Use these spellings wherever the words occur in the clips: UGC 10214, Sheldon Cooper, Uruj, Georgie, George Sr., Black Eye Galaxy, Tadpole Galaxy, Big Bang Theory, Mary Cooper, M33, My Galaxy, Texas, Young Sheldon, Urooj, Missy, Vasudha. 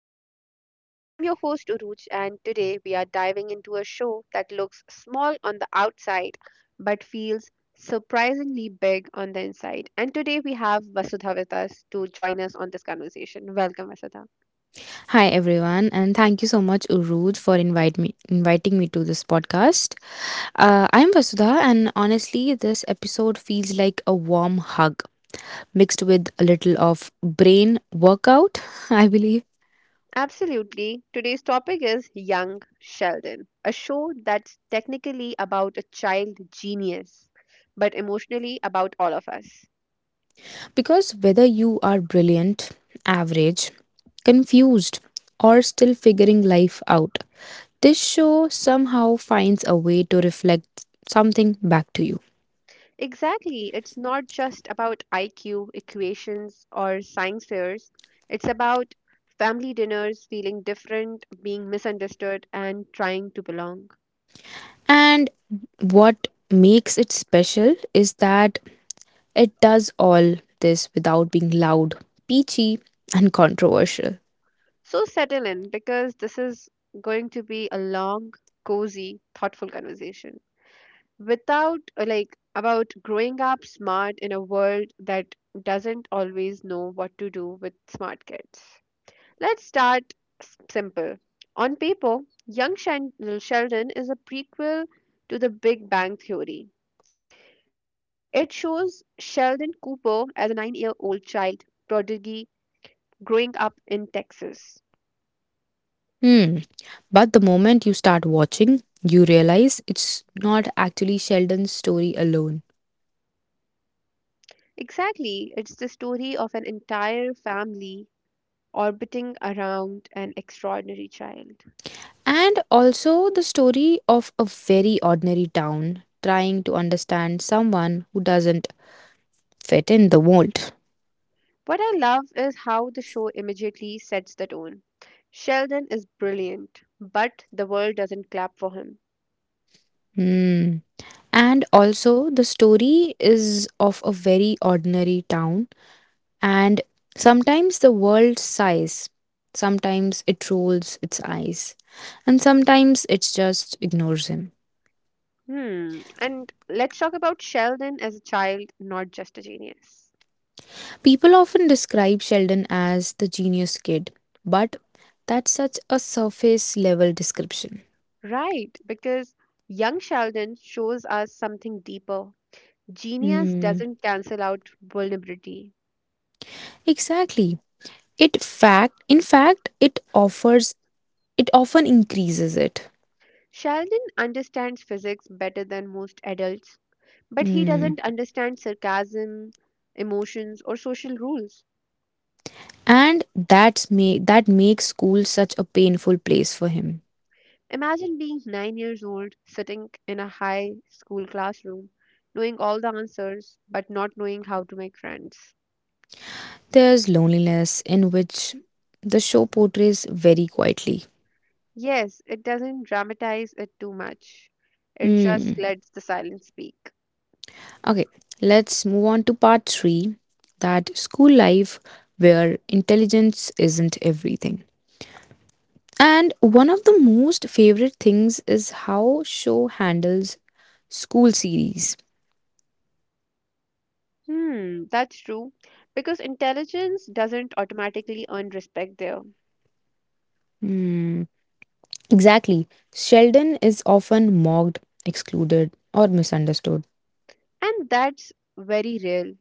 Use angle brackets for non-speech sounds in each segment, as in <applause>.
Real Talk. I'm your host, Uruj, and today we are diving into a show that looks small on the outside but feels surprisingly big on the inside. And today we have Vasudha with us to join us on this conversation. Welcome, Vasudha. Hi everyone, and thank you so much, Urooj, for invite me inviting me to this podcast. I'm Vasudha, and honestly, this episode feels like a warm hug mixed with a little of brain workout, <laughs> I believe, Absolutely. Today's topic is Young Sheldon, a show that's technically about a child genius, but emotionally about all of us. because whether you are brilliant, average, confused, or still figuring life out, this show somehow finds a way to reflect something back to you. Exactly. It's not just about IQ equations or science fairs. It's about family dinners, feeling different, being misunderstood, and trying to belong. And what makes it special is that it does all this without being loud, peachy, and controversial. So settle in because this is going to be a long, cozy, thoughtful conversation. Without, like, About growing up smart in a world that doesn't always know what to do with smart kids. Let's start simple. On paper, Young Shen- Sheldon is a prequel to the Big Bang Theory. It shows Sheldon Cooper as a 9-year old child prodigy growing up in Texas. Hmm. But the moment you start watching, you realize it's not actually Sheldon's story alone. Exactly, it's the story of an entire family orbiting around an extraordinary child. And also the story of a very ordinary town trying to understand someone who doesn't fit in the mold. What I love is how the show immediately sets the tone. Sheldon is brilliant, but the world doesn't clap for him. Hmm. And also, the story is of a very ordinary town, and sometimes the world sighs, sometimes it rolls its eyes, and sometimes it just ignores him. Hmm. And let's talk about Sheldon as a child, not just a genius. People often describe Sheldon as the genius kid, but that's such a surface level description. Right, because young Sheldon shows us something deeper. Genius Hmm. doesn't cancel out vulnerability. Exactly. It fact in fact it offers it often increases it. Sheldon understands physics better than most adults, but he Hmm. doesn't understand sarcasm, emotions, or social rules. And that makes school such a painful place for him. Imagine being 9 years old, sitting in a high school classroom, knowing all the answers, but not knowing how to make friends. There's loneliness in which the show portrays very quietly. Yes, it doesn't dramatize it too much. It Hmm. just lets the silence speak. Okay, let's move on to part 3, that school life where intelligence isn't everything, and one of the most favorite things is how show handles school series. Hmm, that's true. Because intelligence doesn't automatically earn respect there. Hmm. Exactly, Sheldon is often mocked, excluded, or misunderstood. And that's very real.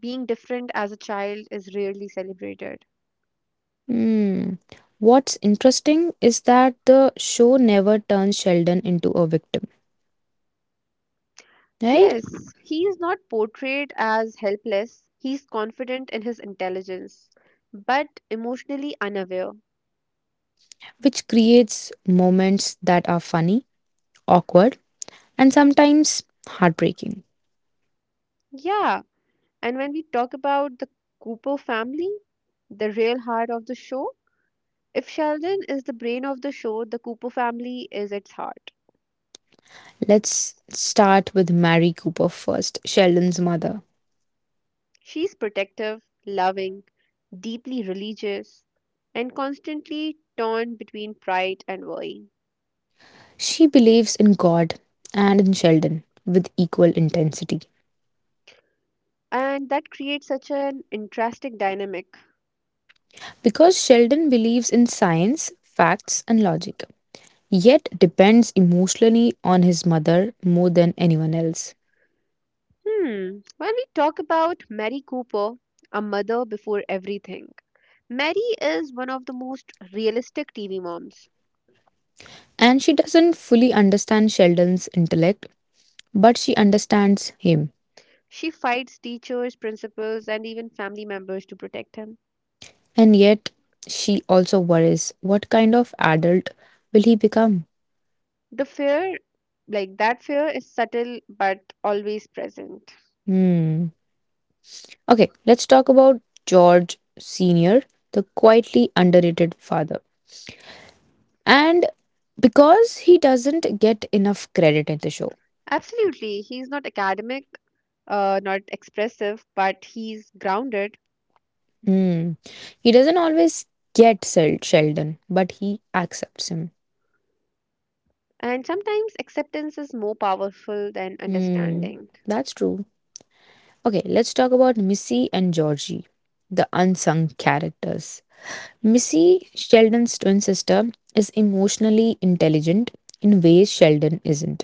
Being different as a child is rarely celebrated. Hmm. What's interesting is that the show never turns Sheldon into a victim, right? Yes, he is not portrayed as helpless. He's confident in his intelligence, but emotionally unaware. Which creates moments that are funny, awkward, and sometimes heartbreaking. Yeah, and when we talk about the Cooper family, the real heart of the show, if Sheldon is the brain of the show, the Cooper family is its heart. Let's start with Mary Cooper first, Sheldon's mother. She's protective, loving, deeply religious, and constantly torn between pride and worry. She believes in God and in Sheldon with equal intensity, And that creates such an interesting dynamic. because Sheldon believes in science, facts, and logic, yet depends emotionally on his mother more than anyone else. Hmm, when we talk about Mary Cooper, a mother before everything, Mary is one of the most realistic TV moms. And she doesn't fully understand Sheldon's intellect, but she understands him. She fights teachers, principals, and even family members to protect him. And yet, she also worries, what kind of adult will he become? The fear, like that fear, is subtle but always present. Hmm. Okay, let's talk about George Sr., the quietly underrated father. And because he doesn't get enough credit in the show, Absolutely. He's not academic, not expressive, but he's grounded. hmm, he doesn't always get Sheldon, but he accepts him. And sometimes acceptance is more powerful than Hmm. understanding. That's true. Okay, let's talk about Missy and Georgie, the unsung characters. Missy, Sheldon's twin sister, is emotionally intelligent in ways Sheldon isn't.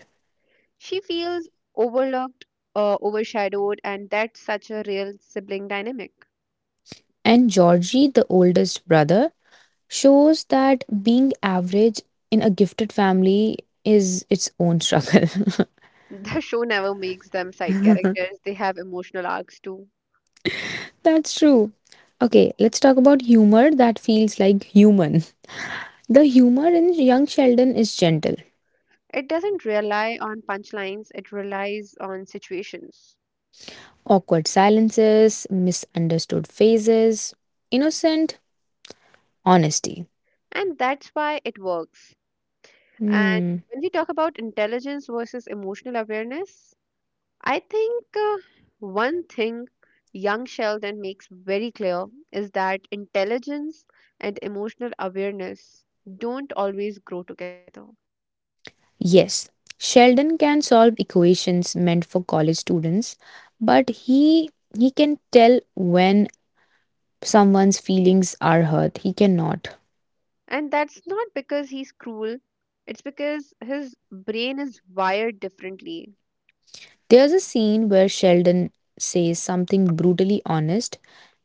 She feels overlooked, overshadowed, and that's such a real sibling dynamic. And Georgie, the oldest brother, shows that being average in a gifted family is its own struggle. <laughs> The show never makes them side <laughs> characters, they have emotional arcs too. That's true. Okay, let's talk about humor that feels like human. The humor in young Sheldon is gentle, It doesn't rely on punchlines, it relies on situations. awkward silences, misunderstood faces, innocent honesty. And that's why it works. And Hmm. when we talk about intelligence versus emotional awareness, I think one thing young Sheldon makes very clear is that intelligence and emotional awareness don't always grow together. Yes, Sheldon can solve equations meant for college students, but he can tell when someone's feelings are hurt. He cannot. And that's not because he's cruel, it's because his brain is wired differently. There's a scene where Sheldon says something brutally honest,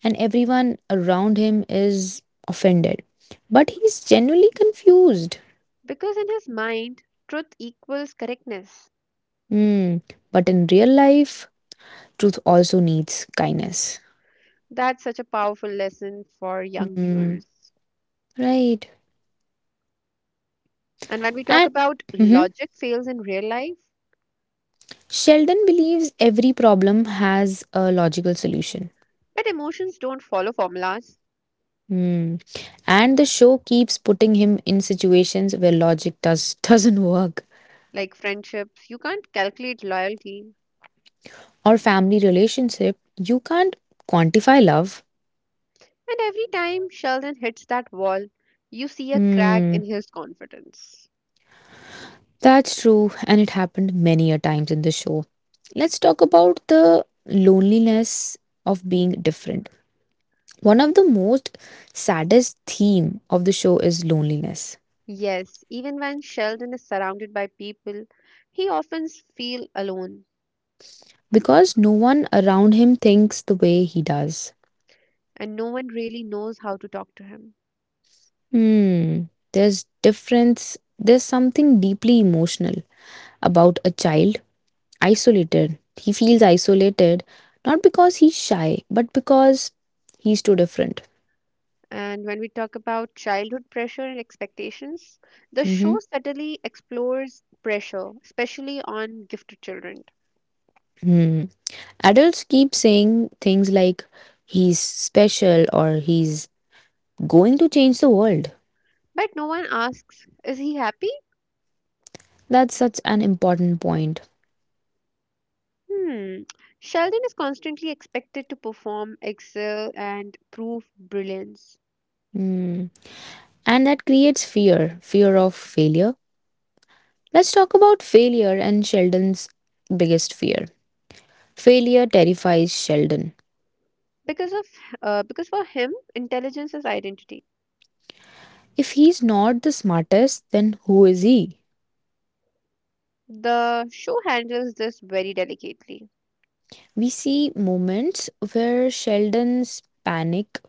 and everyone around him is offended, but he's genuinely confused. Because in his mind, truth equals correctness. Hmm. But in real life, truth also needs kindness. That's such a powerful lesson for young Hmm, viewers. right. And when we talk And about mhm. logic fails in real life, Sheldon believes every problem has a logical solution. but emotions don't follow formulas Hmm. And the show keeps putting him in situations where logic doesn't work. like friendships. You can't calculate loyalty. Or family relationship, you can't quantify love. And every time Sheldon hits that wall, you see a crack in Hmm. his confidence. That's true, and it happened many a times in the show. Let's talk about the loneliness of being different. One of the most saddest theme of the show is loneliness, Yes, even when Sheldon is surrounded by people, he often feels alone because no one around him thinks the way he does. and no one really knows how to talk to him. Hmm, there's difference. There's something deeply emotional about a child isolated. He feels isolated Not because he's shy, but because he's too different. And when we talk about childhood pressure and expectations, the show Mhm. subtly explores pressure, especially on gifted children. Hmm. Adults keep saying things like he's special or he's going to change the world. But no one asks, is he happy? That's such an important point. Hmm. Sheldon is constantly expected to perform, excel, and prove brilliance. Mm. And that creates fear of failure. Let's talk about failure and Sheldon's biggest fear. Failure terrifies Sheldon. Because of because for him, intelligence is identity. If he's not the smartest, then who is he? The show handles this very delicately. We see moments where Sheldon's panic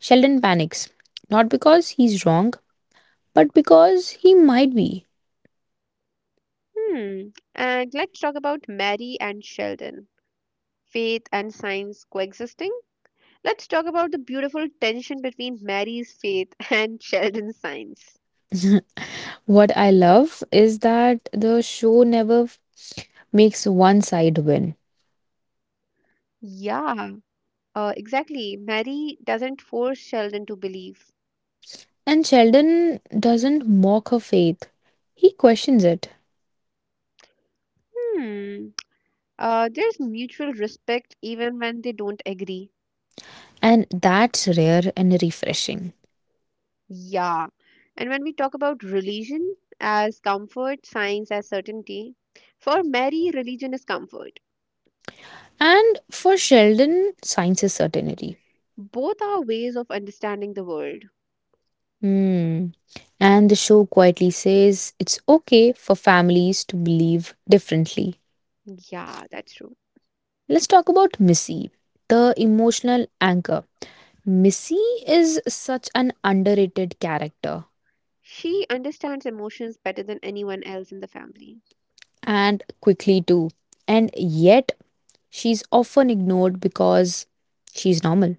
Sheldon panics not because he's wrong but because he might be. Hmm. And let's talk about Mary and Sheldon. Faith and science coexisting. Let's talk about the beautiful tension between Mary's faith <laughs> and Sheldon's science. What I love is that the show never makes one side win. Yeah, exactly. Mary doesn't force Sheldon to believe. And Sheldon doesn't mock her faith, he questions it. Hmm. There's mutual respect even when they don't agree. And that's rare and refreshing. Yeah. And when we talk about religion as comfort, science as certainty, for Mary, religion is comfort. And for Sheldon, science is certainty. Both are ways of understanding the world. Hmm. And the show quietly says it's okay for families to believe differently. Yeah, that's true. Let's talk about Missy, the emotional anchor. Missy is such an underrated character, She understands emotions better than anyone else in the family. and quickly too. And yet, she's often ignored because she's normal.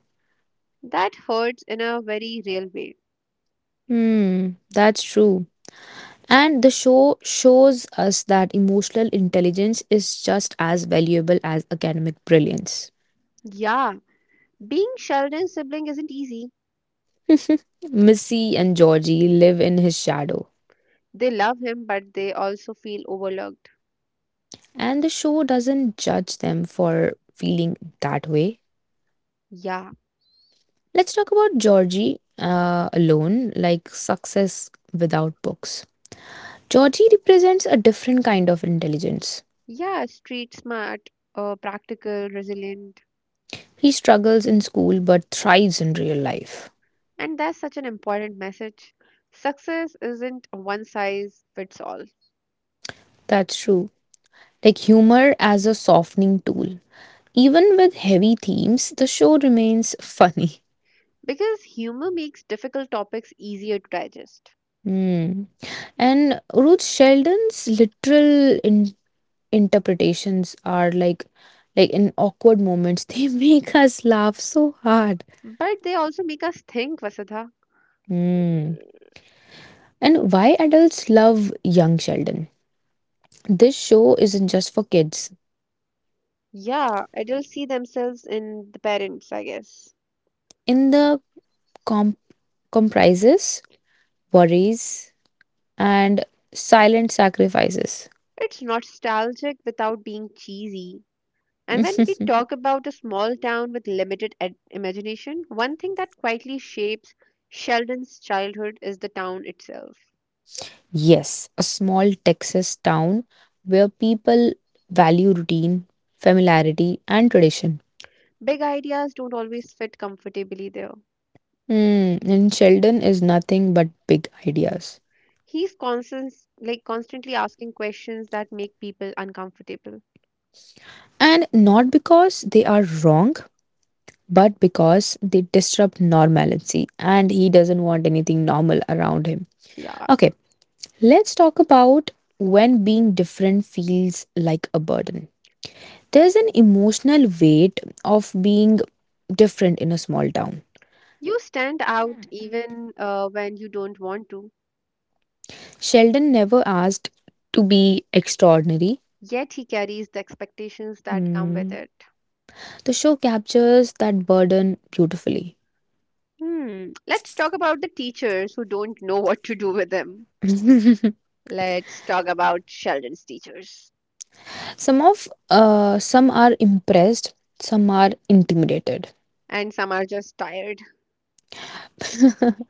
That hurts in a very real way. Hmm, that's true. And the show shows us that emotional intelligence is just as valuable as academic brilliance. Yeah, being Sheldon's sibling isn't easy. <laughs> Missy and Georgie live in his shadow, They love him, but they also feel overlooked. and the show doesn't judge them for feeling that way. Yeah, Let's talk about Georgie alone, like success without books. Georgie represents a different kind of intelligence. yeah, street smart, practical, resilient. He struggles in school but thrives in real life. And that's such an important message. Success isn't a one size fits all That's true. Like humor as a softening tool. Even with heavy themes, the show remains <laughs> funny. because humor makes difficult topics easier to digest. Hmm. And Ruth Sheldon's literal interpretations are like, in awkward moments, <laughs> they make us laugh so hard. But they also make us think, Vasudha. Hmm. And why adults love young Sheldon? This show isn't just for kids. Yeah, adults see themselves in the parents, I guess. In the com- comprises worries and silent sacrifices. It's nostalgic without being cheesy. And when we <laughs> talk about a small town with limited imagination, one thing that quietly shapes Sheldon's childhood is the town itself. Yes, a small Texas town where people value routine, familiarity, and tradition. Big ideas don't always fit comfortably there. Hmm, and Sheldon is nothing but big ideas. He's constant, like Constantly asking questions that make people uncomfortable. And not because they are wrong, but because they disrupt normalcy and he doesn't want anything normal around him. Yeah, Okay, let's talk about when being different feels like a burden. There's an emotional weight of being different in a small town. you stand out even when you don't want to. Sheldon never asked to be extraordinary. Yet he carries the expectations that come with Mm. it. The show captures that burden beautifully. Hmm. Let's talk about the teachers who don't know what to do with them. <laughs> Let's talk about Sheldon's teachers. Some of some are impressed, some are intimidated. And some are just tired, <laughs>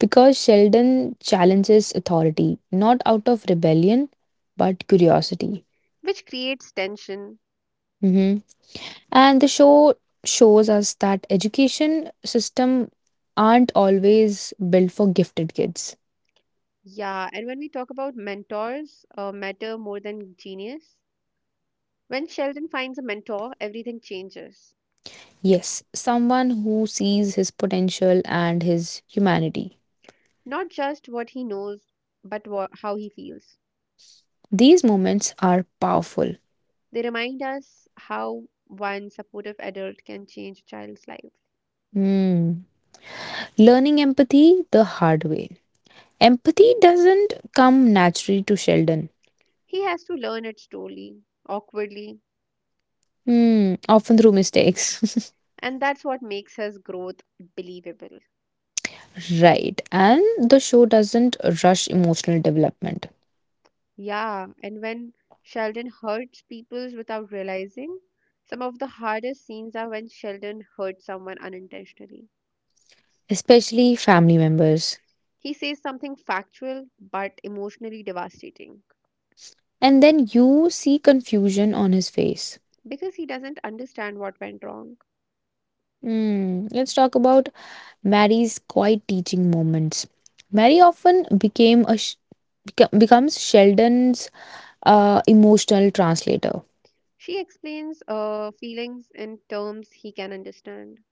Because Sheldon challenges authority not out of rebellion but curiosity. which creates tension. Mhm. And the show shows us that education system aren't always built for gifted kids. Yeah, and when we talk about mentors, matter more than genius. When Sheldon finds a mentor, everything changes. Yes, someone who sees his potential and his humanity. Not just what he knows, but how he feels. These moments are powerful. They remind us how one supportive adult can change a child's life. Hmm. Learning empathy the hard way. Empathy doesn't come naturally to Sheldon. He has to learn it slowly, awkwardly, Hmm. Often through mistakes. and that's what makes his growth believable. <laughs> Right. And the show doesn't rush emotional development, Yeah, and when Sheldon hurts people without realizing, some of the hardest scenes are when Sheldon hurts someone unintentionally. especially family members. He says something factual but emotionally devastating And then you see confusion on his face. because he doesn't understand what went wrong. Hmm. Let's talk about Mary's quiet teaching moments. Mary often became a sh- beco- becomes Sheldon's emotional translator, She explains feelings in terms he can understand,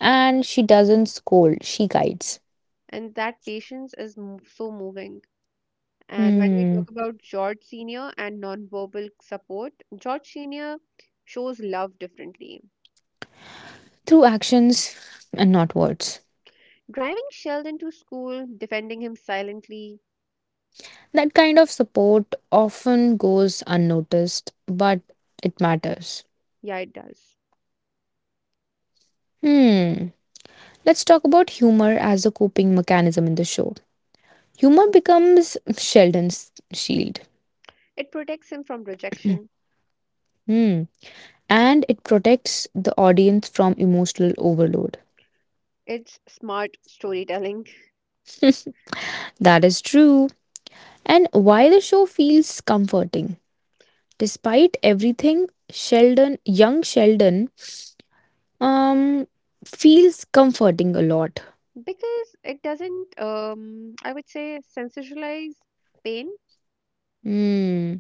and she doesn't scold; she guides. and that patience is so moving. And when we Hmm. talk about George Sr. and nonverbal support, George Sr. shows love differently. Through actions and not words. Driving Sheldon to school, defending him silently, That kind of support often goes unnoticed, but it matters. yeah, it does. Hmm. Let's talk about humor as a coping mechanism in the show. Humor becomes Sheldon's shield. It protects him from rejection. Hmm. And it protects the audience from emotional overload. It's smart storytelling. That is true. And why the show feels comforting. Despite everything, Sheldon, young Sheldon, um, feels comforting a lot. Because it doesn't, I would say, sensationalize pain, Hmm.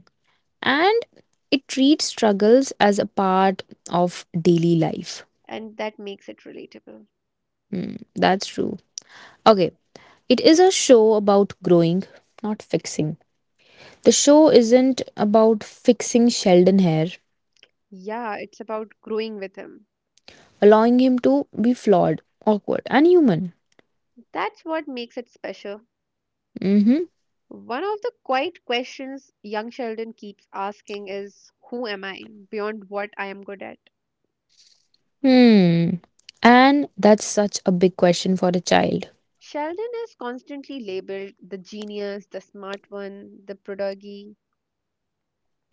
And it treats struggles as a part of daily life. and that makes it relatable. Hmm, that's true. Okay, it is a show about growing, not fixing. The show isn't about fixing Sheldon hair, Yeah, it's about growing with him. allowing him to be flawed, awkward, and human. That's what makes it special. Mm-hmm. One of the quiet questions young Sheldon keeps asking is who am I beyond what I am good at? Hmm. And that's such a big question for a child. Sheldon is constantly labeled the genius, the smart one, the prodigy,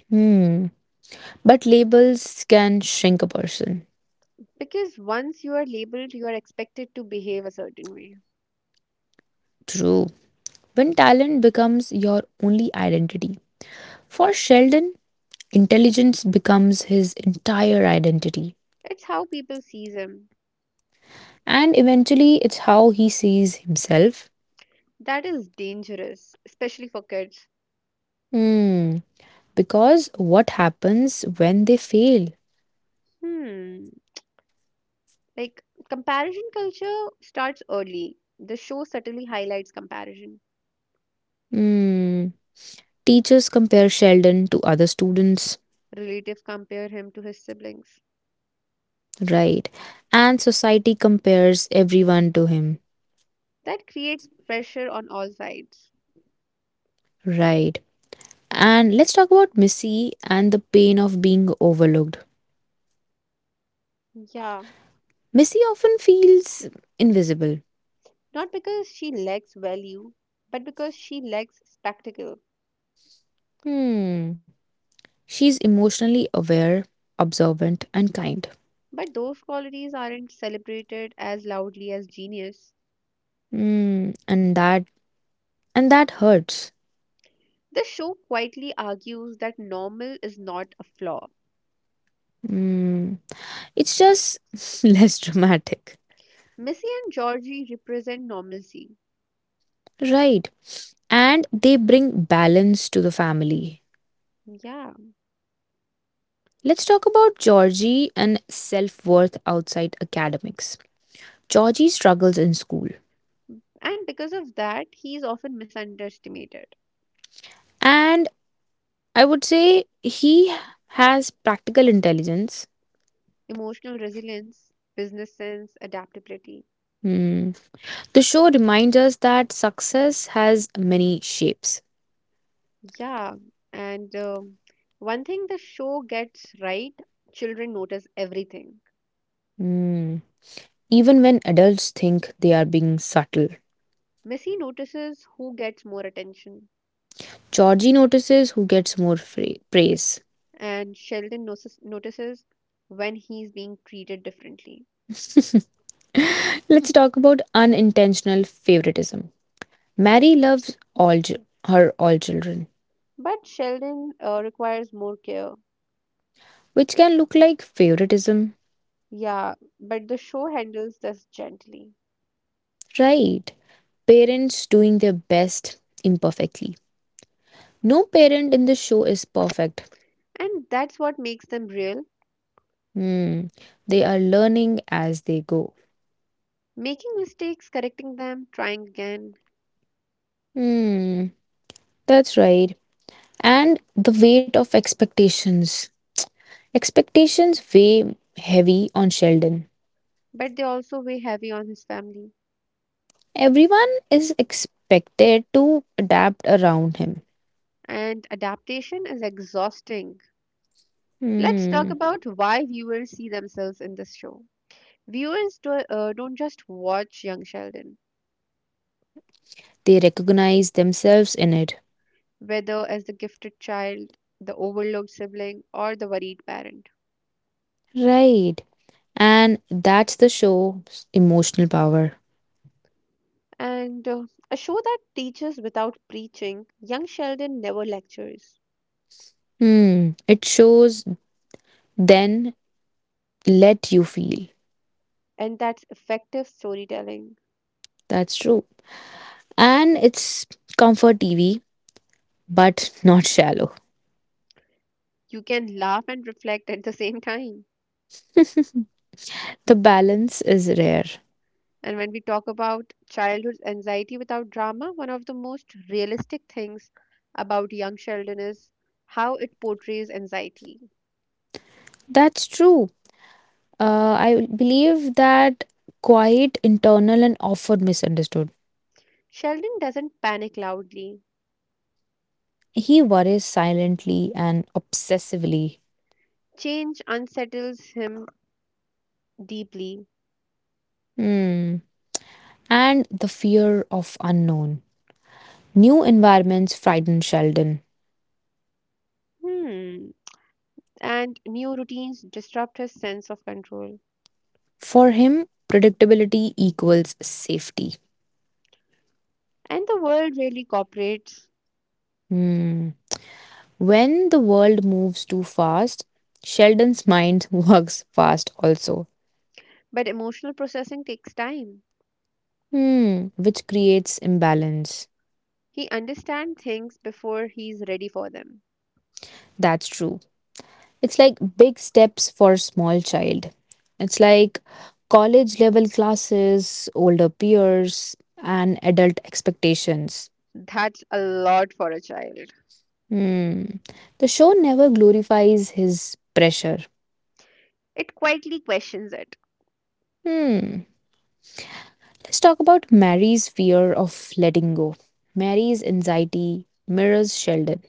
Hmm. But labels can shrink a person. because once you are labeled, you are expected to behave a certain way. True. When talent becomes your only identity. For Sheldon, intelligence becomes his entire identity. It's how people sees him. And eventually, it's how he sees himself. That is dangerous, especially for kids. Hmm. Because what happens when they fail? Hmm. Like comparison culture starts early. The show subtly highlights comparison. Hmm. Teachers compare Sheldon to other students, Relatives compare him to his siblings. right? And society compares everyone to him, That creates pressure on all sides. right? And let's talk about Missy and the pain of being overlooked. Yeah, Missy often feels invisible. not because she lacks value, but because she lacks spectacle. Hmm. She's emotionally aware, observant, and kind. But those qualities aren't celebrated as loudly as genius. Hmm. And that hurts. The show quietly argues that normal is not a flaw. Hmm. It's just <laughs> less dramatic, Missy and Georgie represent normalcy. right? And they bring balance to the family. Yeah. Let's talk about Georgie and self worth outside academics. Georgie struggles in school, And because of that, he is often misunderestimated. and I would say he has practical intelligence. Emotional resilience, business sense, adaptability. Hmm. The show reminds us that success has many shapes. Yeah. And one thing the show gets right, children notice everything. Hmm. Even when adults think they are being subtle. Missy notices who gets more attention, Georgie notices who gets more praise. and Sheldon notices when he's being treated differently. <laughs> Let's talk about unintentional favoritism. Mary loves her all children, But Sheldon requires more care. which can look like favoritism, Yeah, but the show handles this gently. right? Parents doing their best imperfectly. No parent in the show is perfect. And that's what makes them real. Hmm. They are learning as they go. Making mistakes, correcting them, trying again. Hmm. That's right. And the weight of expectations. Expectations weigh heavy on Sheldon. But they also weigh heavy on his family. Everyone is expected to adapt around him. And adaptation is exhausting. Let's talk Hmm. about why viewers see themselves in this show. Viewers don't just watch young Sheldon, They recognize themselves in it. whether as the gifted child, the overlooked sibling, or the worried parent, Right. And that's the show's emotional power. and a show that teaches without preaching. Young Sheldon never lectures, Hmm. It shows then let you feel. and that's effective storytelling. That's true. And it's comfort TV, but <laughs> not shallow. You can laugh and reflect at the same time. The balance is rare. And when we talk about childhood anxiety without drama, one of the most realistic things about Young Sheldon is how it portrays anxiety. That's true. I believe that quiet, internal, and often misunderstood. Sheldon doesn't panic loudly. He worries silently and obsessively. Change unsettles him deeply. Hmm. And the fear of unknown. New environments frighten Sheldon. Hmm. And new routines disrupt his sense of control. For him, predictability equals safety. And the world really cooperates. Hmm. When the world moves too fast, Sheldon's mind <laughs> works fast also. But emotional processing takes time. Hmm. Which creates imbalance. He understands things before he's ready for them. That's true. It's like big steps for a small child. It's like college level classes, older peers, and adult expectations. That's a lot for a child. Hmm. The show never glorifies his pressure. It quietly questions it. Hmm. Let's talk about Mary's fear of letting go. Mary's anxiety mirrors Sheldon.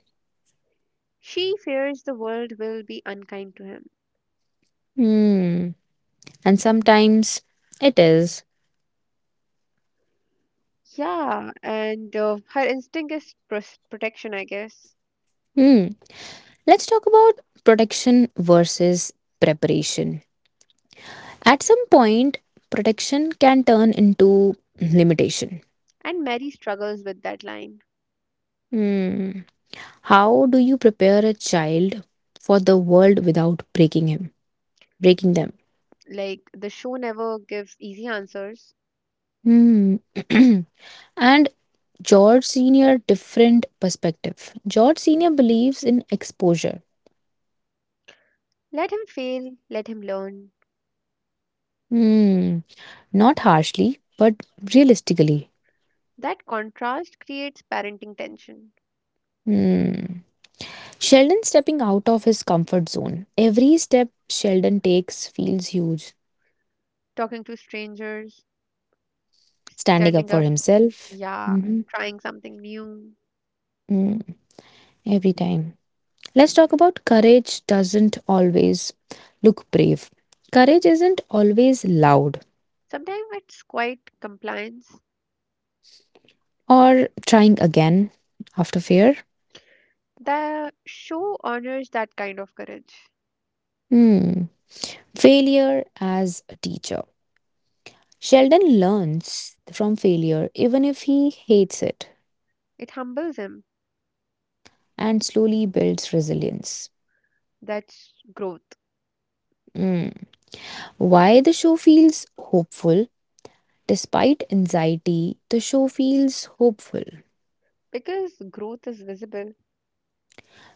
She fears the world will be unkind to him. Hmm. And sometimes it is. Yeah, and her instinct is protection, I guess. Hmm. Let's talk about protection versus preparation. At some point, protection can turn into limitation. And Mary struggles with that line. Hmm. How do you prepare a child for the world without breaking him, breaking them? Like, the show never gives easy answers. Hmm. <clears throat> And George Sr. different perspective. George Sr. believes in exposure. Let him fail, let him learn. Hmm, not harshly, but realistically. That contrast creates parenting tension. Hmm. Sheldon stepping out of his comfort zone. Every step Sheldon takes feels huge. Talking to strangers, Standing up standing for up, himself. yeah, Mhm. trying something new. Mm, every time. Let's talk about courage doesn't always look brave. Courage isn't always loud Sometimes it's quite compliance. or trying again after fear. The show honors that kind of courage. Hmm. Failure as a teacher. Sheldon learns from failure even if he hates it It humbles him. and slowly builds resilience. That's growth. Mm. Why the show feels hopeful? Despite anxiety, the show feels hopeful. Because growth is visible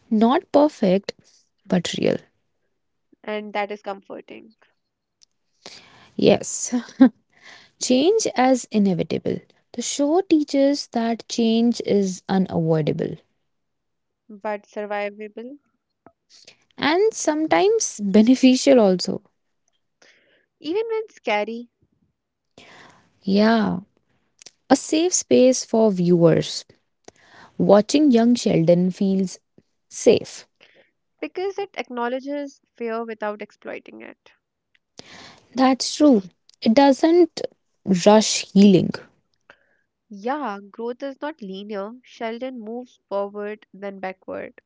Not perfect, but real. and that is comforting, Yes, change as inevitable. The show teaches that change is unavoidable but survivable, and sometimes beneficial also. even when scary, Yeah, a safe space for viewers. Watching young Sheldon feels safe. because it acknowledges fear without exploiting it. That's true. It doesn't rush healing. Yeah, growth is not linear. Sheldon moves forward, then backward.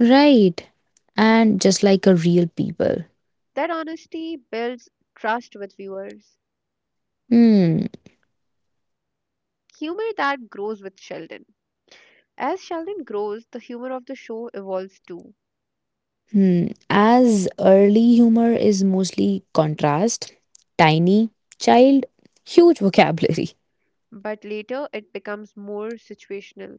Right. And just like a real people. That honesty builds trust with viewers. Hmm. Humor that grows with Sheldon. As Sheldon grows, the humor of the show evolves too, Hmm. As early humor is mostly contrast, tiny, child, huge vocabulary. but later it becomes more situational,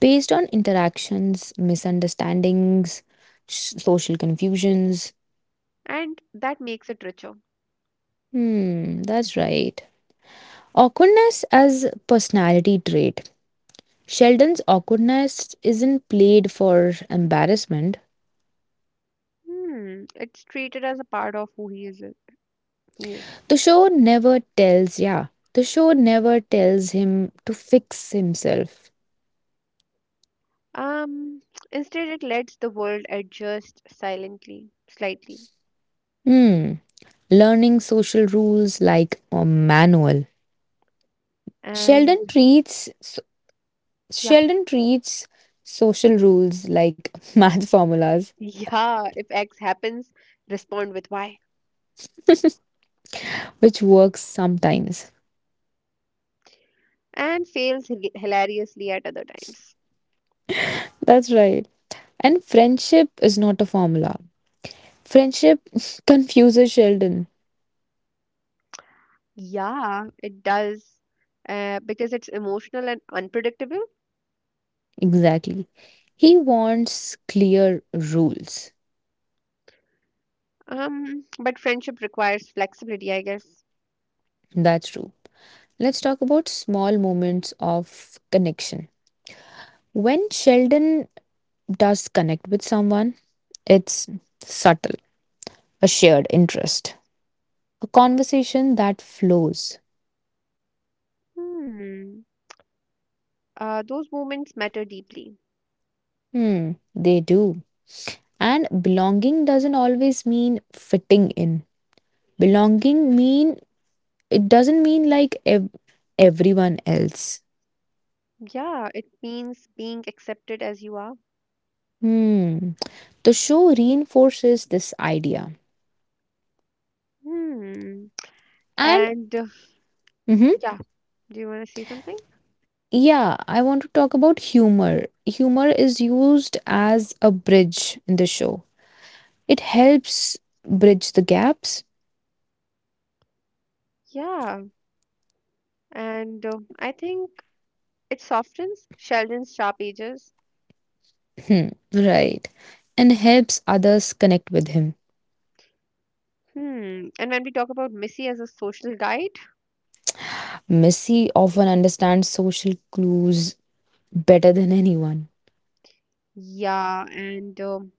Based on interactions, misunderstandings, social confusions. and that makes it richer. Hmm, that's right. Awkwardness as personality trait. Sheldon's awkwardness isn't played for embarrassment. Hmm, it's treated as a part of who he is. He is. The show never tells, yeah, the show never tells him to fix himself. Um, <tsk> Instead, it lets the world adjust silently, slightly, Hmm, learning social rules like a manual. and Sheldon treats so- yeah, Sheldon treats social rules like <laughs> math formulas, <laughs> yeah. If X happens, respond with Y, which works sometimes. and fails hilariously at other times. That's right. And friendship is not a formula. Friendship <laughs> confuses Sheldon. Yeah, it does. Because it's emotional and unpredictable. Exactly. He wants clear rules. But friendship requires flexibility, I guess. That's true. Let's talk about small moments of connection. When Sheldon does connect with someone, it's subtle, a shared interest, a conversation that flows. Hmm. Those moments matter deeply. Hmm, they do. And belonging doesn't always mean fitting in. Belonging mean it doesn't mean like everyone else. Yeah, it means being accepted as you are. Hmm. The show reinforces this idea. Hmm. And And mhm, yeah, do you want to say something? yeah, I want to talk about humor. Humor is used as a bridge in the show, it helps bridge the gaps. Yeah. And I think it softens Sheldon's sharp edges. Hmm, right. And helps others connect with him. Hmm. And when we talk about Missy as a social guide, Missy often understands social clues better than anyone. yeah, and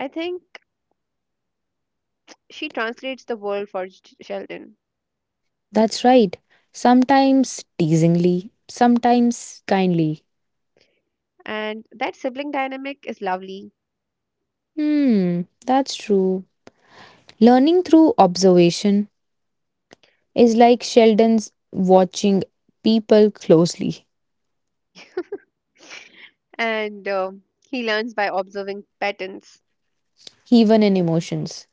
I think she translates the world for Sheldon. That's right. Sometimes teasingly, sometimes kindly. And that sibling dynamic is lovely. Hmm, that's true. Learning through observation is like Sheldon's watching people closely, And he learns by observing patterns even in emotions.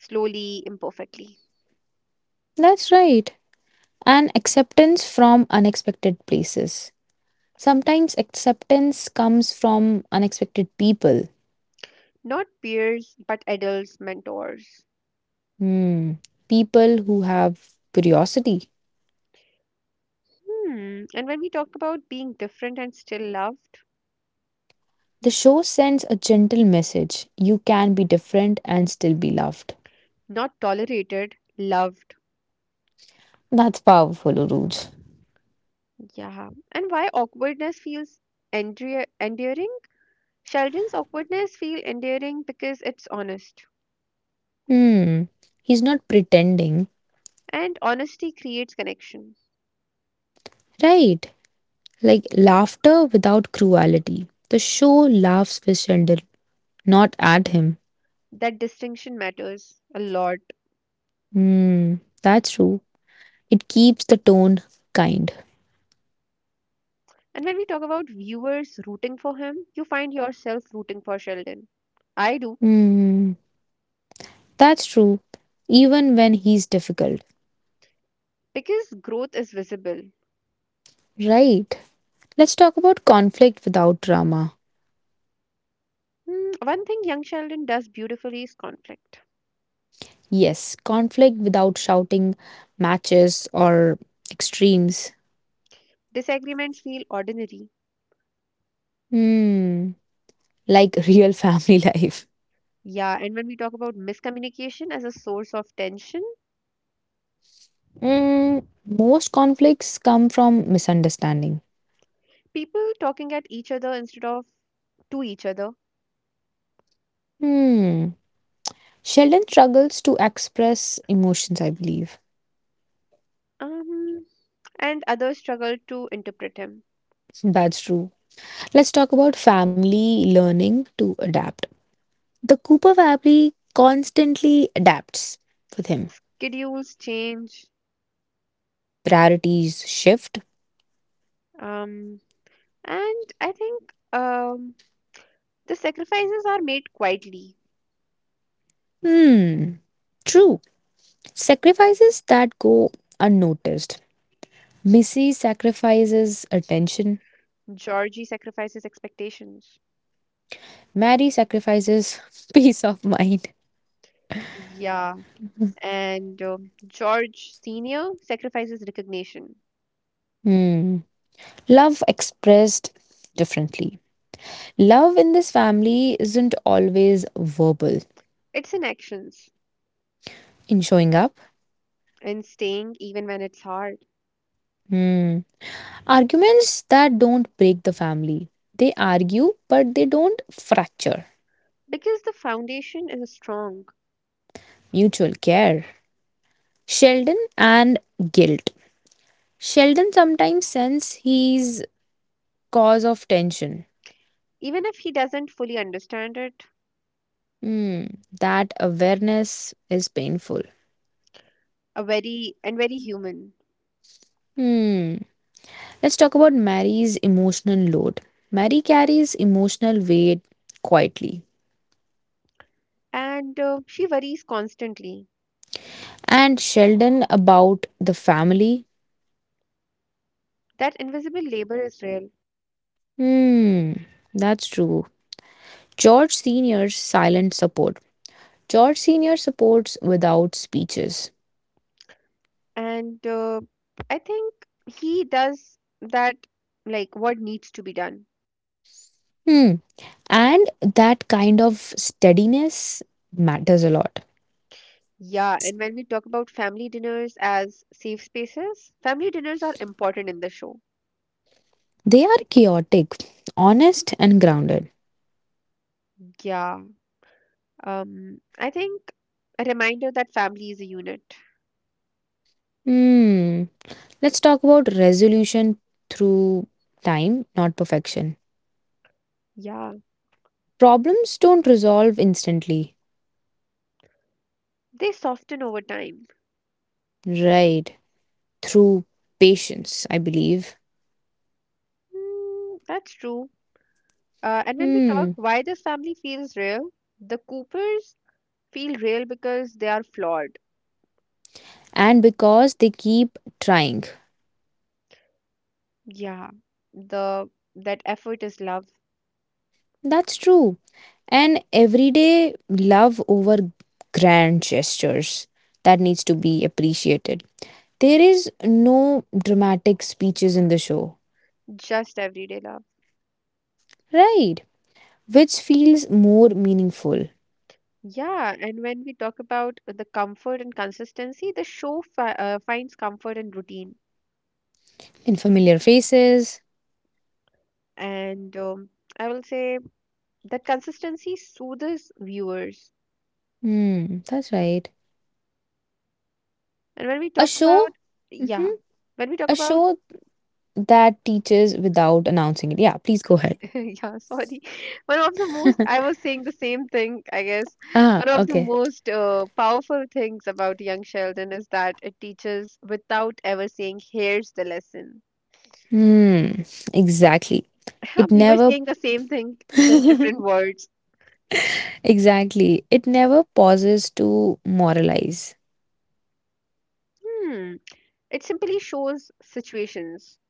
slowly, imperfectly. That's right. And acceptance from unexpected places. Sometimes acceptance comes from unexpected people. Not peers, but adults, mentors. Hmm. People who have curiosity. Hmm. And when we talk about being different and still loved, The show sends a gentle message you can be different and still be loved. not tolerated, loved. That's powerful, Uruj. Yeah. And why awkwardness feels endearing? Sheldon's awkwardness feel endearing because it's honest. Hmm. He's not pretending. And honesty creates connection. Right. Like laughter without cruelty. The show laughs with Sheldon, not at him. That distinction matters a lot. Hmm, that's true. It keeps the tone kind. And when we talk about viewers rooting for him, you find yourself rooting for Sheldon. I do, Hmm, that's true. Even when he's difficult. because growth is visible. Right. Let's talk about conflict without drama. Hmm, one thing Young Sheldon does beautifully is conflict. Yes, conflict without shouting matches or extremes. Disagreements feel ordinary. Hmm, like <laughs> real family life. Yeah, and when we talk about miscommunication as a source of tension, Hmm, most conflicts come from misunderstanding. people talking at each other instead of to each other, Hmm. Sheldon struggles to express emotions, I believe. um, and others struggle to interpret him. That's true. Let's talk about family learning to adapt. The Cooper family constantly adapts with him. Schedules change, Priorities shift. um, and I think. The sacrifices are made quietly. Hmm, true. Sacrifices that go unnoticed. Missy sacrifices attention. Georgie sacrifices expectations. Mary sacrifices <laughs> peace of mind. Yeah, and George Sr. sacrifices recognition. Hmm. Love expressed differently. Love in this family isn't always verbal. It's in actions In showing up. and staying even when it's hard. Hmm. Arguments that don't break the family. They argue, but they don't fracture. Because the foundation is strong, Mutual care. Sheldon and guilt. Sheldon sometimes senses he's cause of tension. even if he doesn't fully understand it, Hmm. That awareness is painful. a very and very human. Hmm. Let's talk about Mary's emotional load. Mary carries emotional weight quietly. And she worries constantly. And Sheldon about the family. That invisible labor is real. Hmm. That's true. George Sr.'s silent support. George Sr. supports without speeches. And I think he does that, like what needs to be done. Hmm. And that kind of steadiness matters a lot. Yeah, and when we talk about family dinners as safe spaces, family dinners are important in the show. They are chaotic, honest, and grounded. Yeah. I think a reminder that family is a unit. Hmm. Let's talk about resolution through time, not perfection. Yeah. Problems don't resolve instantly. They soften over time. Right. Through patience, I believe. Mm, that's true. And when we talk Hmm. why this family feels real, the Coopers feel real because they are flawed. And because they keep trying. Yeah. The that effort is love, That's true. And everyday love over grand gestures that needs to be appreciated. There is no dramatic speeches in the show, just everyday love. right? Which feels more meaningful Yeah, and when we talk about the comfort and consistency, the show fi finds comfort in routine. in familiar faces. And I will say that consistency soothes viewers. Hmm, that's right. And when we A talk about, show, hmm, yeah, when we talk a about, show that teaches without announcing it. Yeah, please go ahead. <laughs> yeah, sorry, <laughs> one of the most, <laughs> I was saying the same thing, I guess. Ah, One of the okay. most powerful things about Young Sheldon is that it teaches without ever saying, here's the lesson. Hmm, exactly. It <laughs> We were never saying the same thing, just <laughs> different words. exactly. It never pauses to moralize Hmm. It simply shows situations.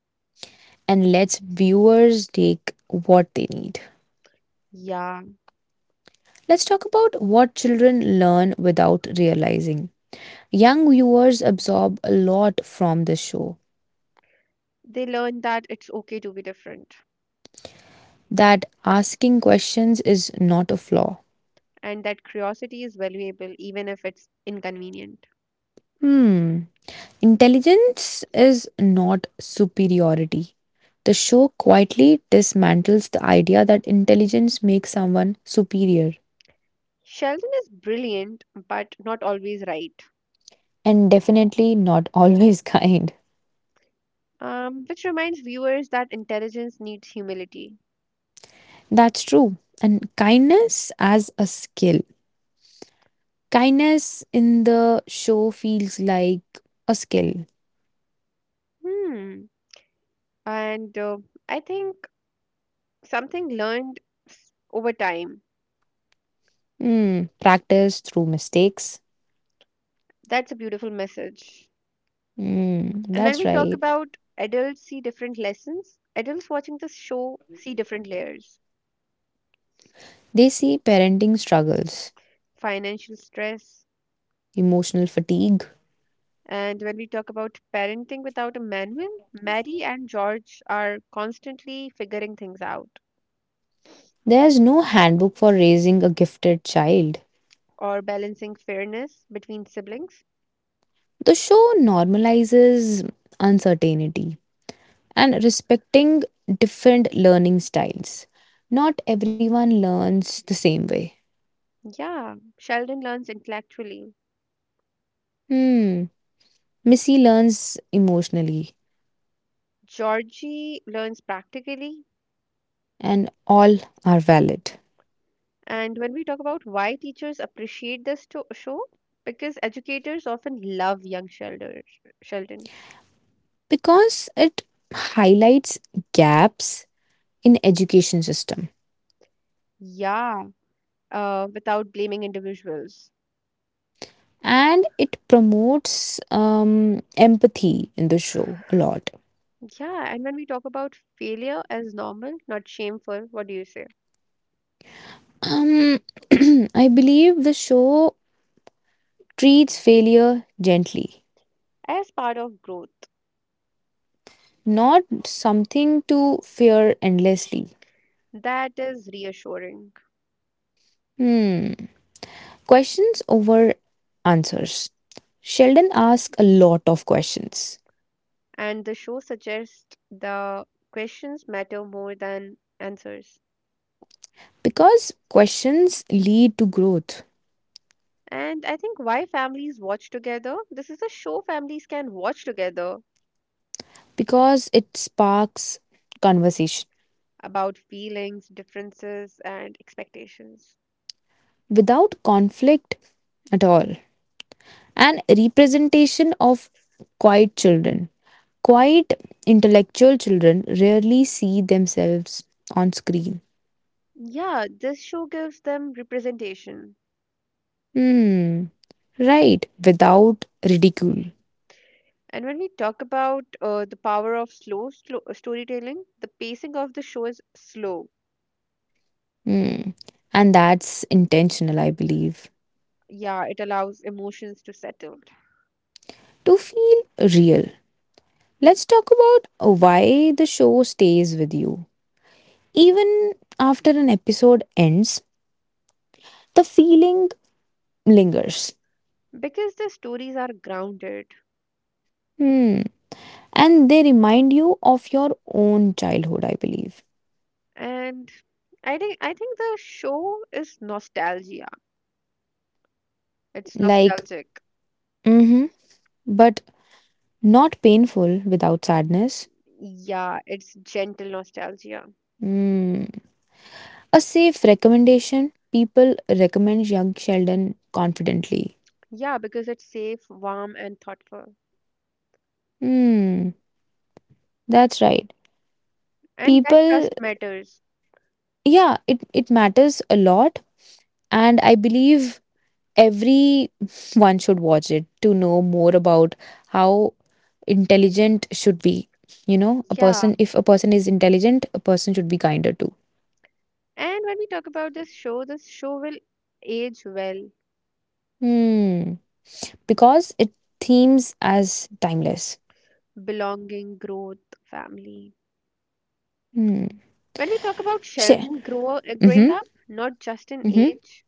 and lets viewers take what they need. Yeah, Let's talk about what children learn without realizing. Young viewers absorb a lot from the show. they learn that it's okay to be different That asking questions is not a flaw. and that curiosity is valuable even if it's inconvenient. Hmm. Intelligence is not superiority. The show quietly dismantles the idea that intelligence makes someone superior Sheldon is brilliant but not always right, and definitely not always <laughs> kind. Which reminds viewers that intelligence needs humility. That's true. And kindness as a skill. Kindness in the show feels like a skill. Hmm. And I think something learned over time. Hmm. Practice through mistakes. That's a beautiful message. Hmm. And when That's we talk right. about adults see different lessons, adults watching this show see different layers. They see parenting struggles, Financial stress. emotional fatigue. And when we talk about parenting without a manual, Mary and George are constantly figuring things out There's no handbook for raising a gifted child. or balancing fairness between siblings. The show normalizes uncertainty and respecting different learning styles. Not everyone learns the same way. Yeah, Sheldon learns intellectually, Hmm. Missy learns emotionally, Georgie learns practically. and all are valid And when we talk about why teachers appreciate this show, because educators often love young Sheldon. Sheldon. because it highlights gaps in education system Yeah, without blaming individuals. and it promotes empathy in the show a lot. Yeah, and when we talk about failure as normal, not shameful, what do you say? Um, <clears throat> I believe the show treats failure gently, As part of growth, not something to fear endlessly. that is reassuring. Hmm. Questions over answers. Sheldon asks a lot of questions And the show suggests the questions matter more than answers. because questions lead to growth, And I think why families watch together, this is a show families can watch together because it sparks conversation about feelings, differences, and expectations. without conflict at all. And representation of quiet children, quiet intellectual children rarely see themselves on screen. Yeah, this show gives them representation. Hmm, right, without ridicule. And when we talk about the power of slow storytelling, the pacing of the show is slow. Hmm. And that's intentional, I believe. Yeah, it allows emotions to settle To feel real. Let's talk about why the show stays with you. Even after an episode ends, the feeling lingers. because the stories are grounded. Hmm. And they remind you of your own childhood, I believe. And I think the show is nostalgia. It's Like, nostalgic. mm-hmm, but not painful without sadness. Yeah, it's gentle nostalgia. Hmm. A safe recommendation. People recommend Young Sheldon confidently. Yeah, because it's safe, warm, and thoughtful. Hmm. That's right. And that People, trust matters. yeah, it matters a lot. And I believe everyone should watch it to know more about how intelligent should be you know a Yeah. person if a person is intelligent a person should be kinder too. And when we talk about this show will age well, Hmm. Because it themes as timeless. belonging, growth, family. Hmm. When we talk about Sure. Sheldon Mm-hmm. growing up, not just in Mm-hmm. age,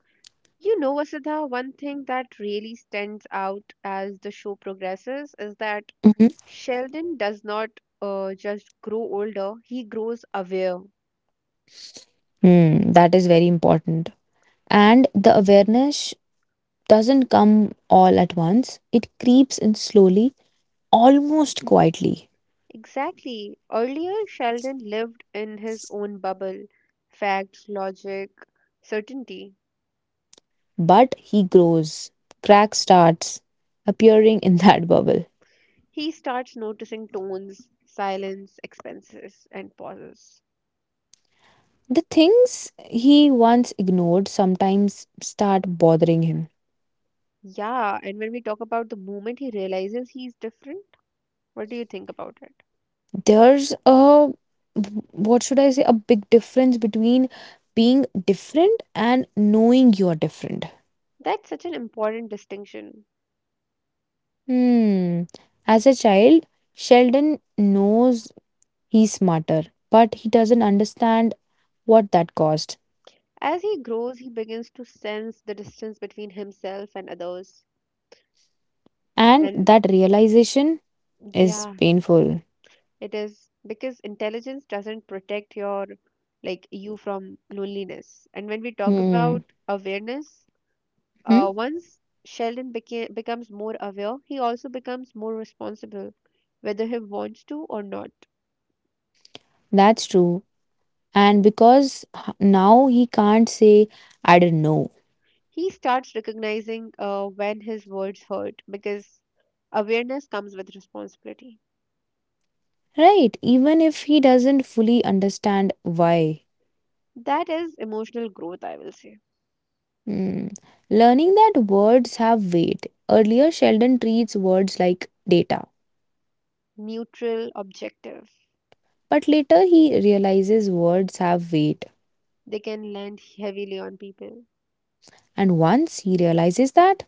Vasudha, one thing that really stands out as the show progresses is that Mm-hmm. Sheldon does not just grow older, he grows aware. Hmm. That is very important and the awareness doesn't come all at once it creeps in slowly almost quietly. Exactly. Earlier, Sheldon lived in his own bubble, facts, logic, certainty. But he grows, cracks starts appearing in <laughs> that bubble. He starts noticing tones, silence, expenses, and pauses. The things he once ignored sometimes start bothering him. Yeah, and when we talk about the moment he realizes he's different, what do you think about it? There's a what should I say, a big difference between being different and knowing you're different. That's such an important distinction. Hmm. As a child, Sheldon knows he's smarter, but he doesn't understand what that cost. As he grows, he begins to sense the distance between himself and others. And And that realization is yeah, painful. it is because intelligence doesn't protect your like you from loneliness. And when we talk about Hmm. awareness, Hmm? once Sheldon becomes more aware, he also becomes more responsible, whether he wants to or not. That's true. And because now he can't say, I don't know, He starts recognizing when his words hurt because awareness comes with responsibility. right? Even if he doesn't fully understand why. That is emotional growth, I will say. Hmm. Learning that words have weight. Earlier, Sheldon treats words like data, Neutral, objective. but later he realizes words have weight. They can land heavily on people. And once he realizes that,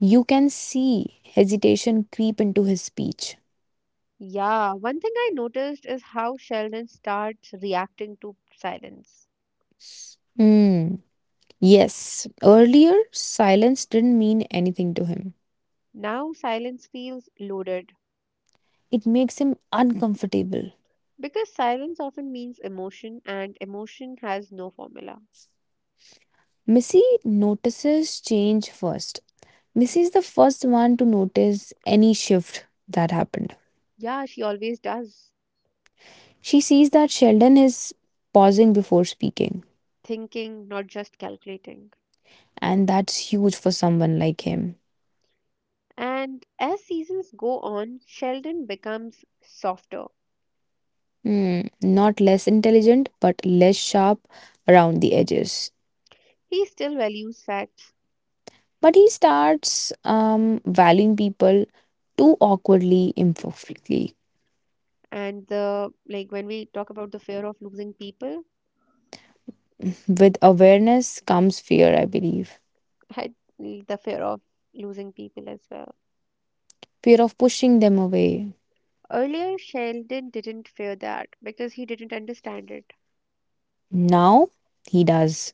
you can see hesitation creep into his speech. Yeah, one thing I noticed is how Sheldon starts reacting to silence. Hmm. Yes, earlier silence didn't mean anything to him. Now silence feels loaded It makes him uncomfortable. because silence often means emotion and emotion has no formula. Missy notices change first. Missy is the first one to notice any shift that happened. Yeah, she always does. She sees that Sheldon is pausing before speaking, Thinking, not just calculating. and that's huge for someone like him. And as seasons go on, Sheldon becomes softer. Hmm, not less intelligent, but less sharp around the edges. He still values facts But he starts valuing people too awkwardly, imperfectly. and the like when we talk about the fear of losing people, With awareness comes fear, I believe. <laughs> I, the fear of losing people as well. Fear of pushing them away. Earlier, Sheldon didn't fear that because he didn't understand it. Now he does.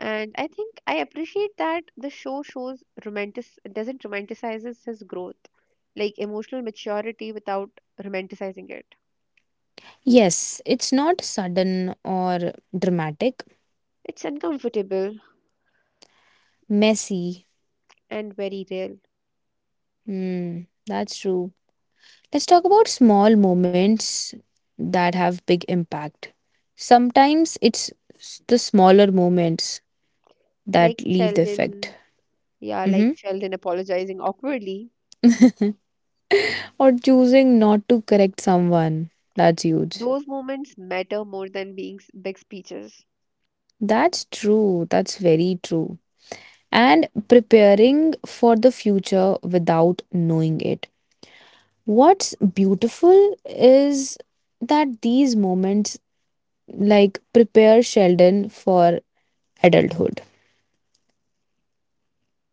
And I think I appreciate that the show shows romantic doesn't romanticizes his growth, like emotional maturity without romanticizing it. Yes, it's not sudden or dramatic. It's uncomfortable Messy. and very real. Hmm, that's true. Let's talk about small moments that have big impact. Sometimes it's the smaller moments that Like leave the effect. Sheldon Yeah, like Mm-hmm. Sheldon apologizing awkwardly. Or choosing not to correct someone. That's huge. Those moments matter more than being big speeches. That's true. That's very true. And preparing for the future without knowing it. What's beautiful is that these moments like prepare Sheldon for adulthood.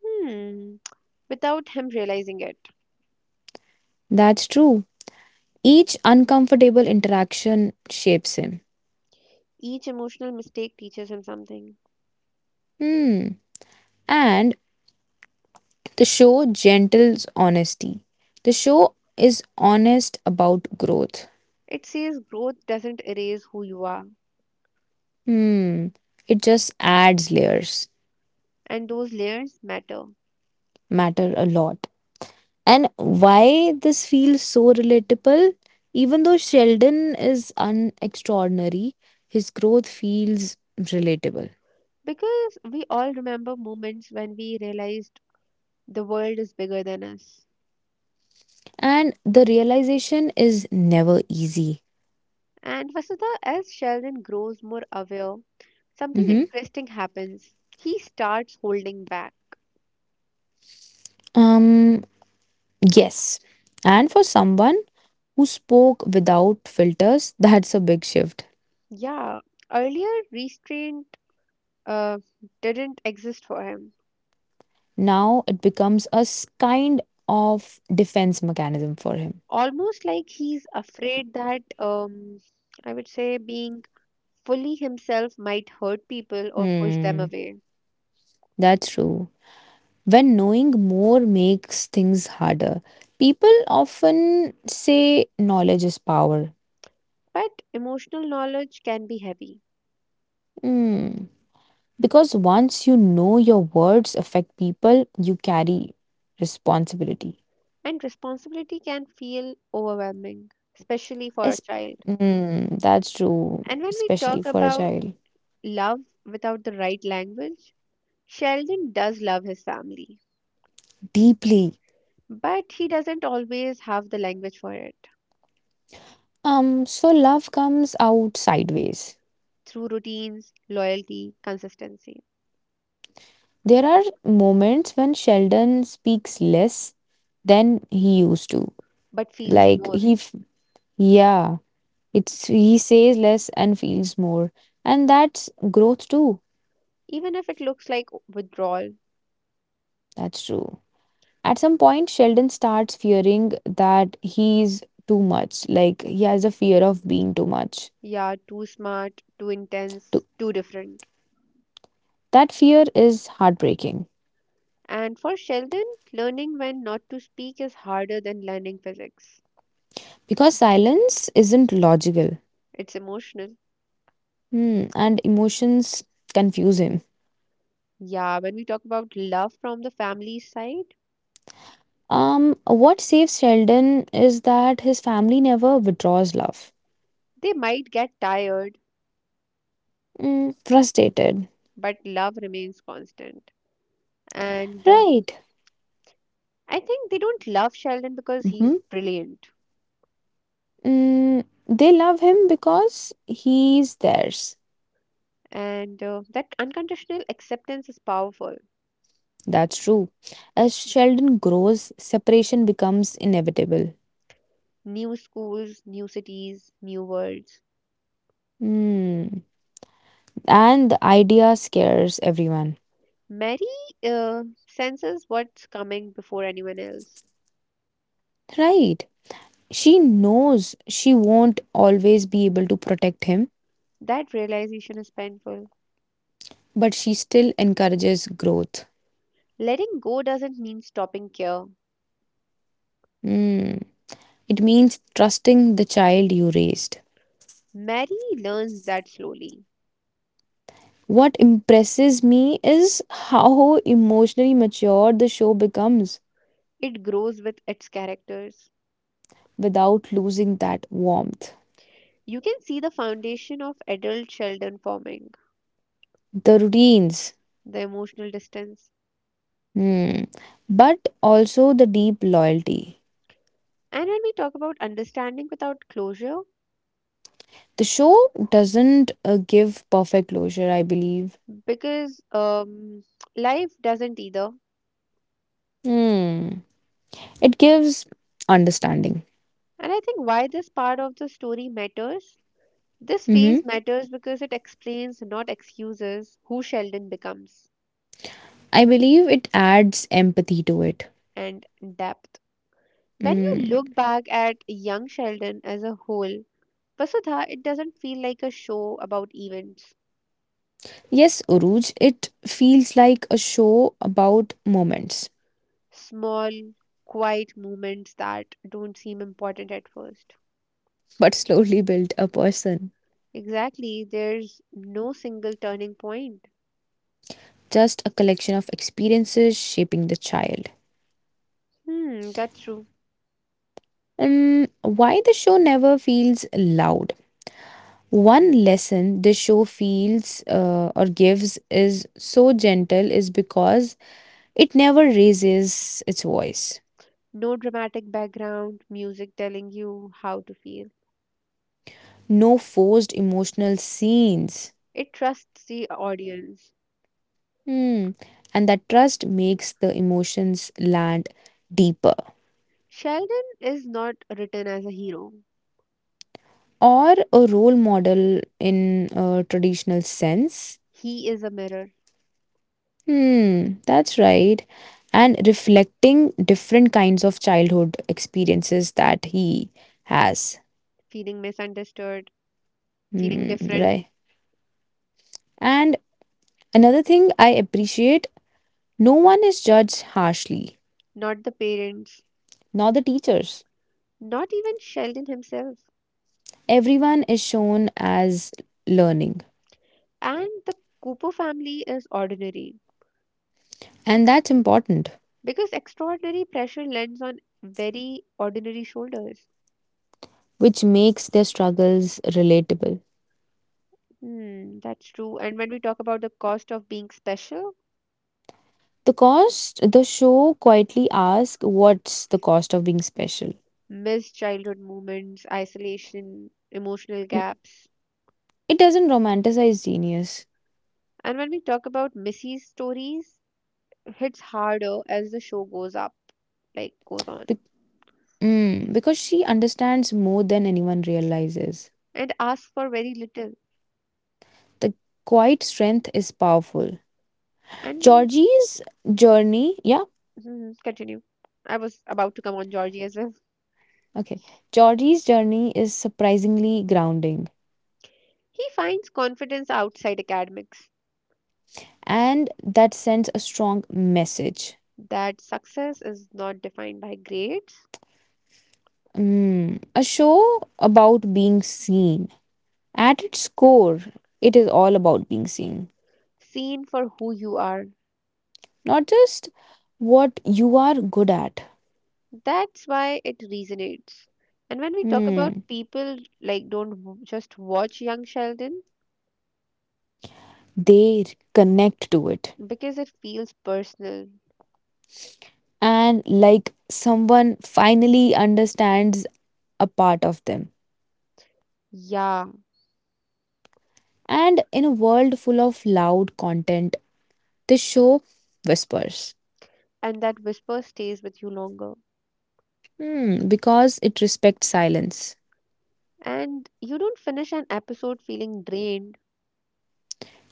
Hmm. Without him realizing it, That's true. Each uncomfortable interaction shapes him. each emotional mistake teaches him something. Hmm. And the show gentles honesty. The show is honest about growth. It says growth doesn't erase who you are, Hmm. It just adds layers. and those layers matter. Matter a lot. And why this feels so relatable? Even though Sheldon is unextraordinary, his growth feels relatable. Because we all remember moments when we realized the world is bigger than us. And the realization is never easy. And Vasudha, as Sheldon grows more aware, something Hmm. interesting happens. He starts holding back. Um, yes. And for someone who spoke without filters, that's a big shift. Yeah, earlier restraint uh, didn't exist for him. Now it becomes a kind of defense mechanism for him. Almost like he's afraid that I would say being fully himself might hurt people or push them Hmm, away. that's true. When knowing more makes things harder. People often say knowledge is power. But emotional knowledge can be heavy, Hmm. Because once you know your words affect people, you carry responsibility. and responsibility can feel overwhelming, especially for a Es- child. That's true, And when we especially talk for a about child. love without the right language, Sheldon does love his family, Deeply. but he doesn't always have the language for it So love comes out sideways. through routines, loyalty, consistency. There are moments when Sheldon speaks less than he used to. But feels Like more, he, f- yeah It's he says less and feels more. And that's growth too. even if it looks like withdrawal. That's true. At some point, Sheldon starts fearing that he's too much. Like he has a fear of being too much. Yeah, too smart, too Too. intense, too different. That fear is heartbreaking And for Sheldon, learning when not to speak is harder than learning physics. because silence isn't logical. It's emotional. Hmm, and emotions confuse him. Yeah, when we talk about love from the family side, What saves Sheldon is that his family never withdraws love. they might get tired, Mm, frustrated. but love remains constant. And Right. I think they don't love Sheldon because he's Mhm. brilliant. Mm, they love him because he's theirs. And that unconditional acceptance is powerful. That's true. As Sheldon grows, separation becomes inevitable. New schools, new cities, new worlds. Mm. And the idea scares everyone. Mary uh, senses what's coming before anyone else. Right. She knows she won't always be able to protect him, That realization is painful. but she still encourages growth. Letting go doesn't mean stopping care. Mm. It means trusting the child you raised. Mary learns that slowly. What impresses me is how emotionally mature the show becomes It grows with its characters. without losing that warmth. You can see the foundation of adult Sheldon forming, The routines, the emotional distance. hmm, but also the deep loyalty. And when we talk about understanding without closure, The show doesn't give perfect closure, I believe. because life doesn't either. Hmm. It gives understanding. And I think why this part of the story matters. This Hmm, phase matters because it explains, not excuses, who Sheldon becomes I believe it adds empathy to it. and depth. When Mm. you look back at Young Sheldon as a whole, Vasudha, it doesn't feel like a show about events, Yes, Uruj, it feels like a show about moments, small, quiet moments that don't seem important at first. but slowly built a person. Exactly, there's no single turning point. Just a collection of experiences shaping the child. Hmm, that's true. And why the show never feels loud? One lesson the show feels or gives is so gentle is because it never raises its voice. No dramatic background, music telling you how to feel. No forced emotional scenes. It trusts the audience. Hmm. And that trust makes the emotions land deeper. Sheldon is not written as a hero. Or a role model in a traditional sense. He is a mirror, Hmm, that's right. And reflecting different kinds of childhood experiences that he has. feeling misunderstood, feeling Hmm, different, right. And another thing I appreciate, no one is judged harshly, not the parents, not the teachers. not even Sheldon himself. Everyone is shown as learning. And the Cooper family is ordinary And that's important, because extraordinary pressure lands on very ordinary shoulders. which makes their struggles relatable. Hmm, that's true. And when we talk about the cost of being special, The cost, the show quietly asks, what's the cost of being special? missed childhood moments, isolation, emotional gaps. It doesn't romanticize genius. And when we talk about Missy's stories, hits harder as the show goes up, like goes on, Mm, because she understands more than anyone realizes. and asks for very little. The quiet strength is powerful. And Georgie's journey, yeah, mhm, continue. I was about to come on Georgie as well. okay. Georgie's journey is surprisingly grounding, He finds confidence outside academics. and that sends a strong message. That success is not defined by grades, Mm, a show about being seen. At its core, it is all about being seen, seen for who you are. not just what you are good at. That's why it resonates. And when we talk about Hmm. people, like don't just watch Young Sheldon They connect to it. because it feels personal. And like someone finally understands a part of them. Yeah, And in a world full of loud content, the show whispers. and that whisper stays with you longer. Hmm, because it respects silence. And you don't finish an episode feeling drained,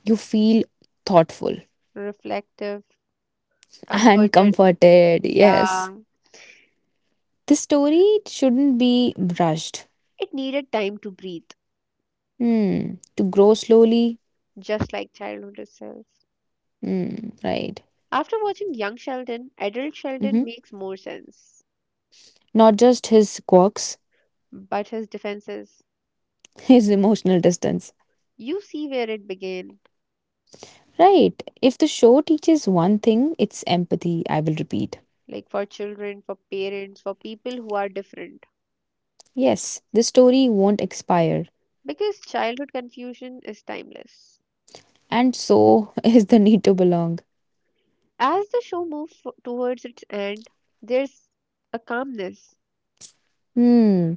You feel thoughtful reflective, <laughs> and comforted. comforted, Yeah, yes. The story shouldn't be rushed. it needed time to breathe, Hmm, to grow slowly. just like childhood itself. Hmm, right. After watching Young Sheldon, adult Hmm. Sheldon makes more sense. Not just his quirks, But his defenses, <laughs> his emotional distance. you see where it began, Right. If the show teaches one thing, it's empathy, I will repeat. like for children, for parents, for people who are different, Yes, the story won't expire. because childhood confusion is timeless. And so <laughs> is the need to belong. As the show moves towards its end, there's a calmness. Hmm.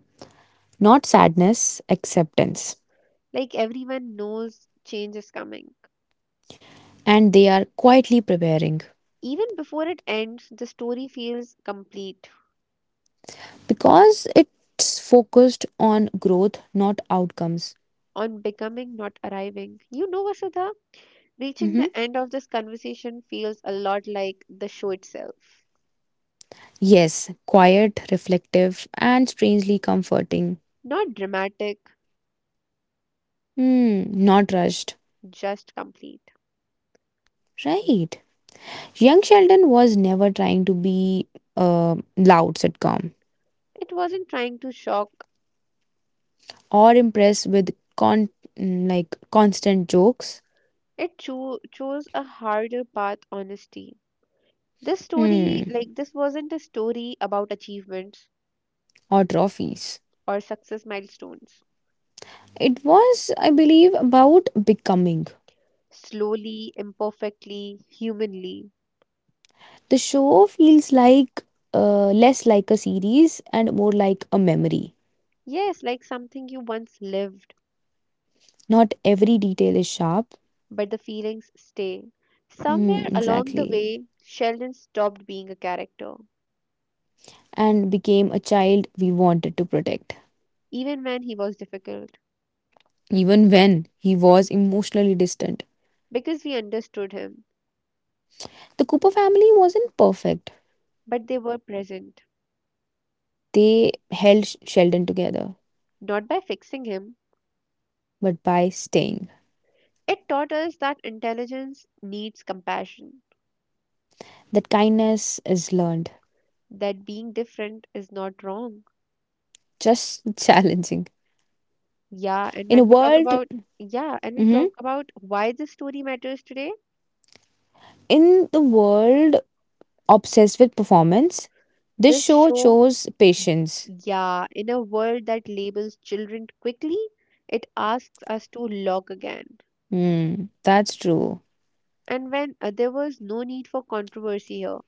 Not sadness, acceptance. Like everyone knows change is coming. And they are quietly preparing Even before it ends, the story feels complete because it's focused on growth, not outcomes. on becoming, not arriving. Vasudha, reaching Hmm. the end of this conversation feels a lot like the show itself. Yes, quiet, reflective, and strangely comforting. Not dramatic, Hmm. Not rushed. just complete. Right. Young Sheldon was never trying to be a loud sitcom It wasn't trying to shock, or impressed with like constant jokes. it chose a harder path, honesty. This story, Hmm, like, this wasn't a story about achievements or trophies. or success milestones It was, I believe, about becoming. slowly, imperfectly, humanly. The show feels like less like a series and more like a memory. Yes, like something you once lived, Not every detail is sharp. but the feelings stay. Hmm, Somewhere along the exactly. way, Sheldon stopped being a character, And became a child we wanted to protect, even when he was difficult, even when he was emotionally distant. because we understood him, The Cooper family wasn't perfect, but they were present, they held Sheldon together, not by fixing him. but by staying. It taught us that intelligence needs compassion, That kindness is learned, that being different is not wrong. just <laughs> challenging. Yeah, and In a when we talk world, about yeah, and we mhm, talk about why this story matters today, in the world obsessed with performance, this this show show. chose patience. Yeah, in a world that labels children quickly, it asks us to log again. Hmm, that's true. And when there was no need for controversy here,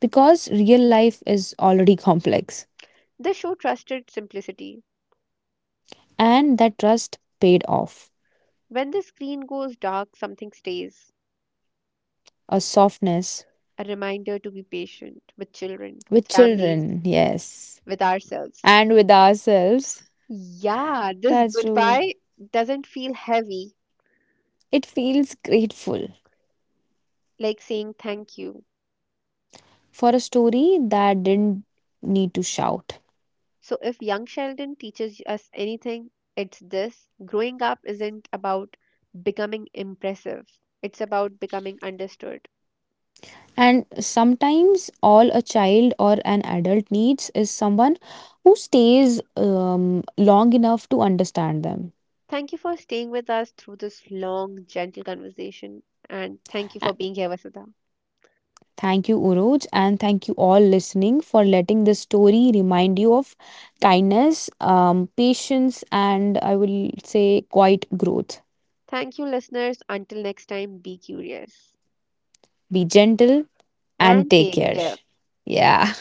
Because real life is already complex, the show trusted simplicity. and that trust paid off. When the screen goes dark, something stays. A softness A reminder to be patient with children, with with families, children, yes, with ourselves. and with ourselves. Yeah, this That's true. goodbye doesn't feel heavy, It feels grateful like saying thank you. for a story that didn't need to shout. So, if Young Sheldon teaches us anything, it's this: growing up isn't about becoming impressive, it's about becoming understood. And sometimes all a child or an adult needs is someone who stays long enough to understand them. Thank you for staying with us through this long, gentle conversation, and thank you for A- being here, Vasudha. Thank you, Uroj, and thank you all listening for letting this story remind you of kindness, patience, and I will say quite growth. Thank you, listeners. Until next time, be curious Be gentle and and take take care. care. Yeah.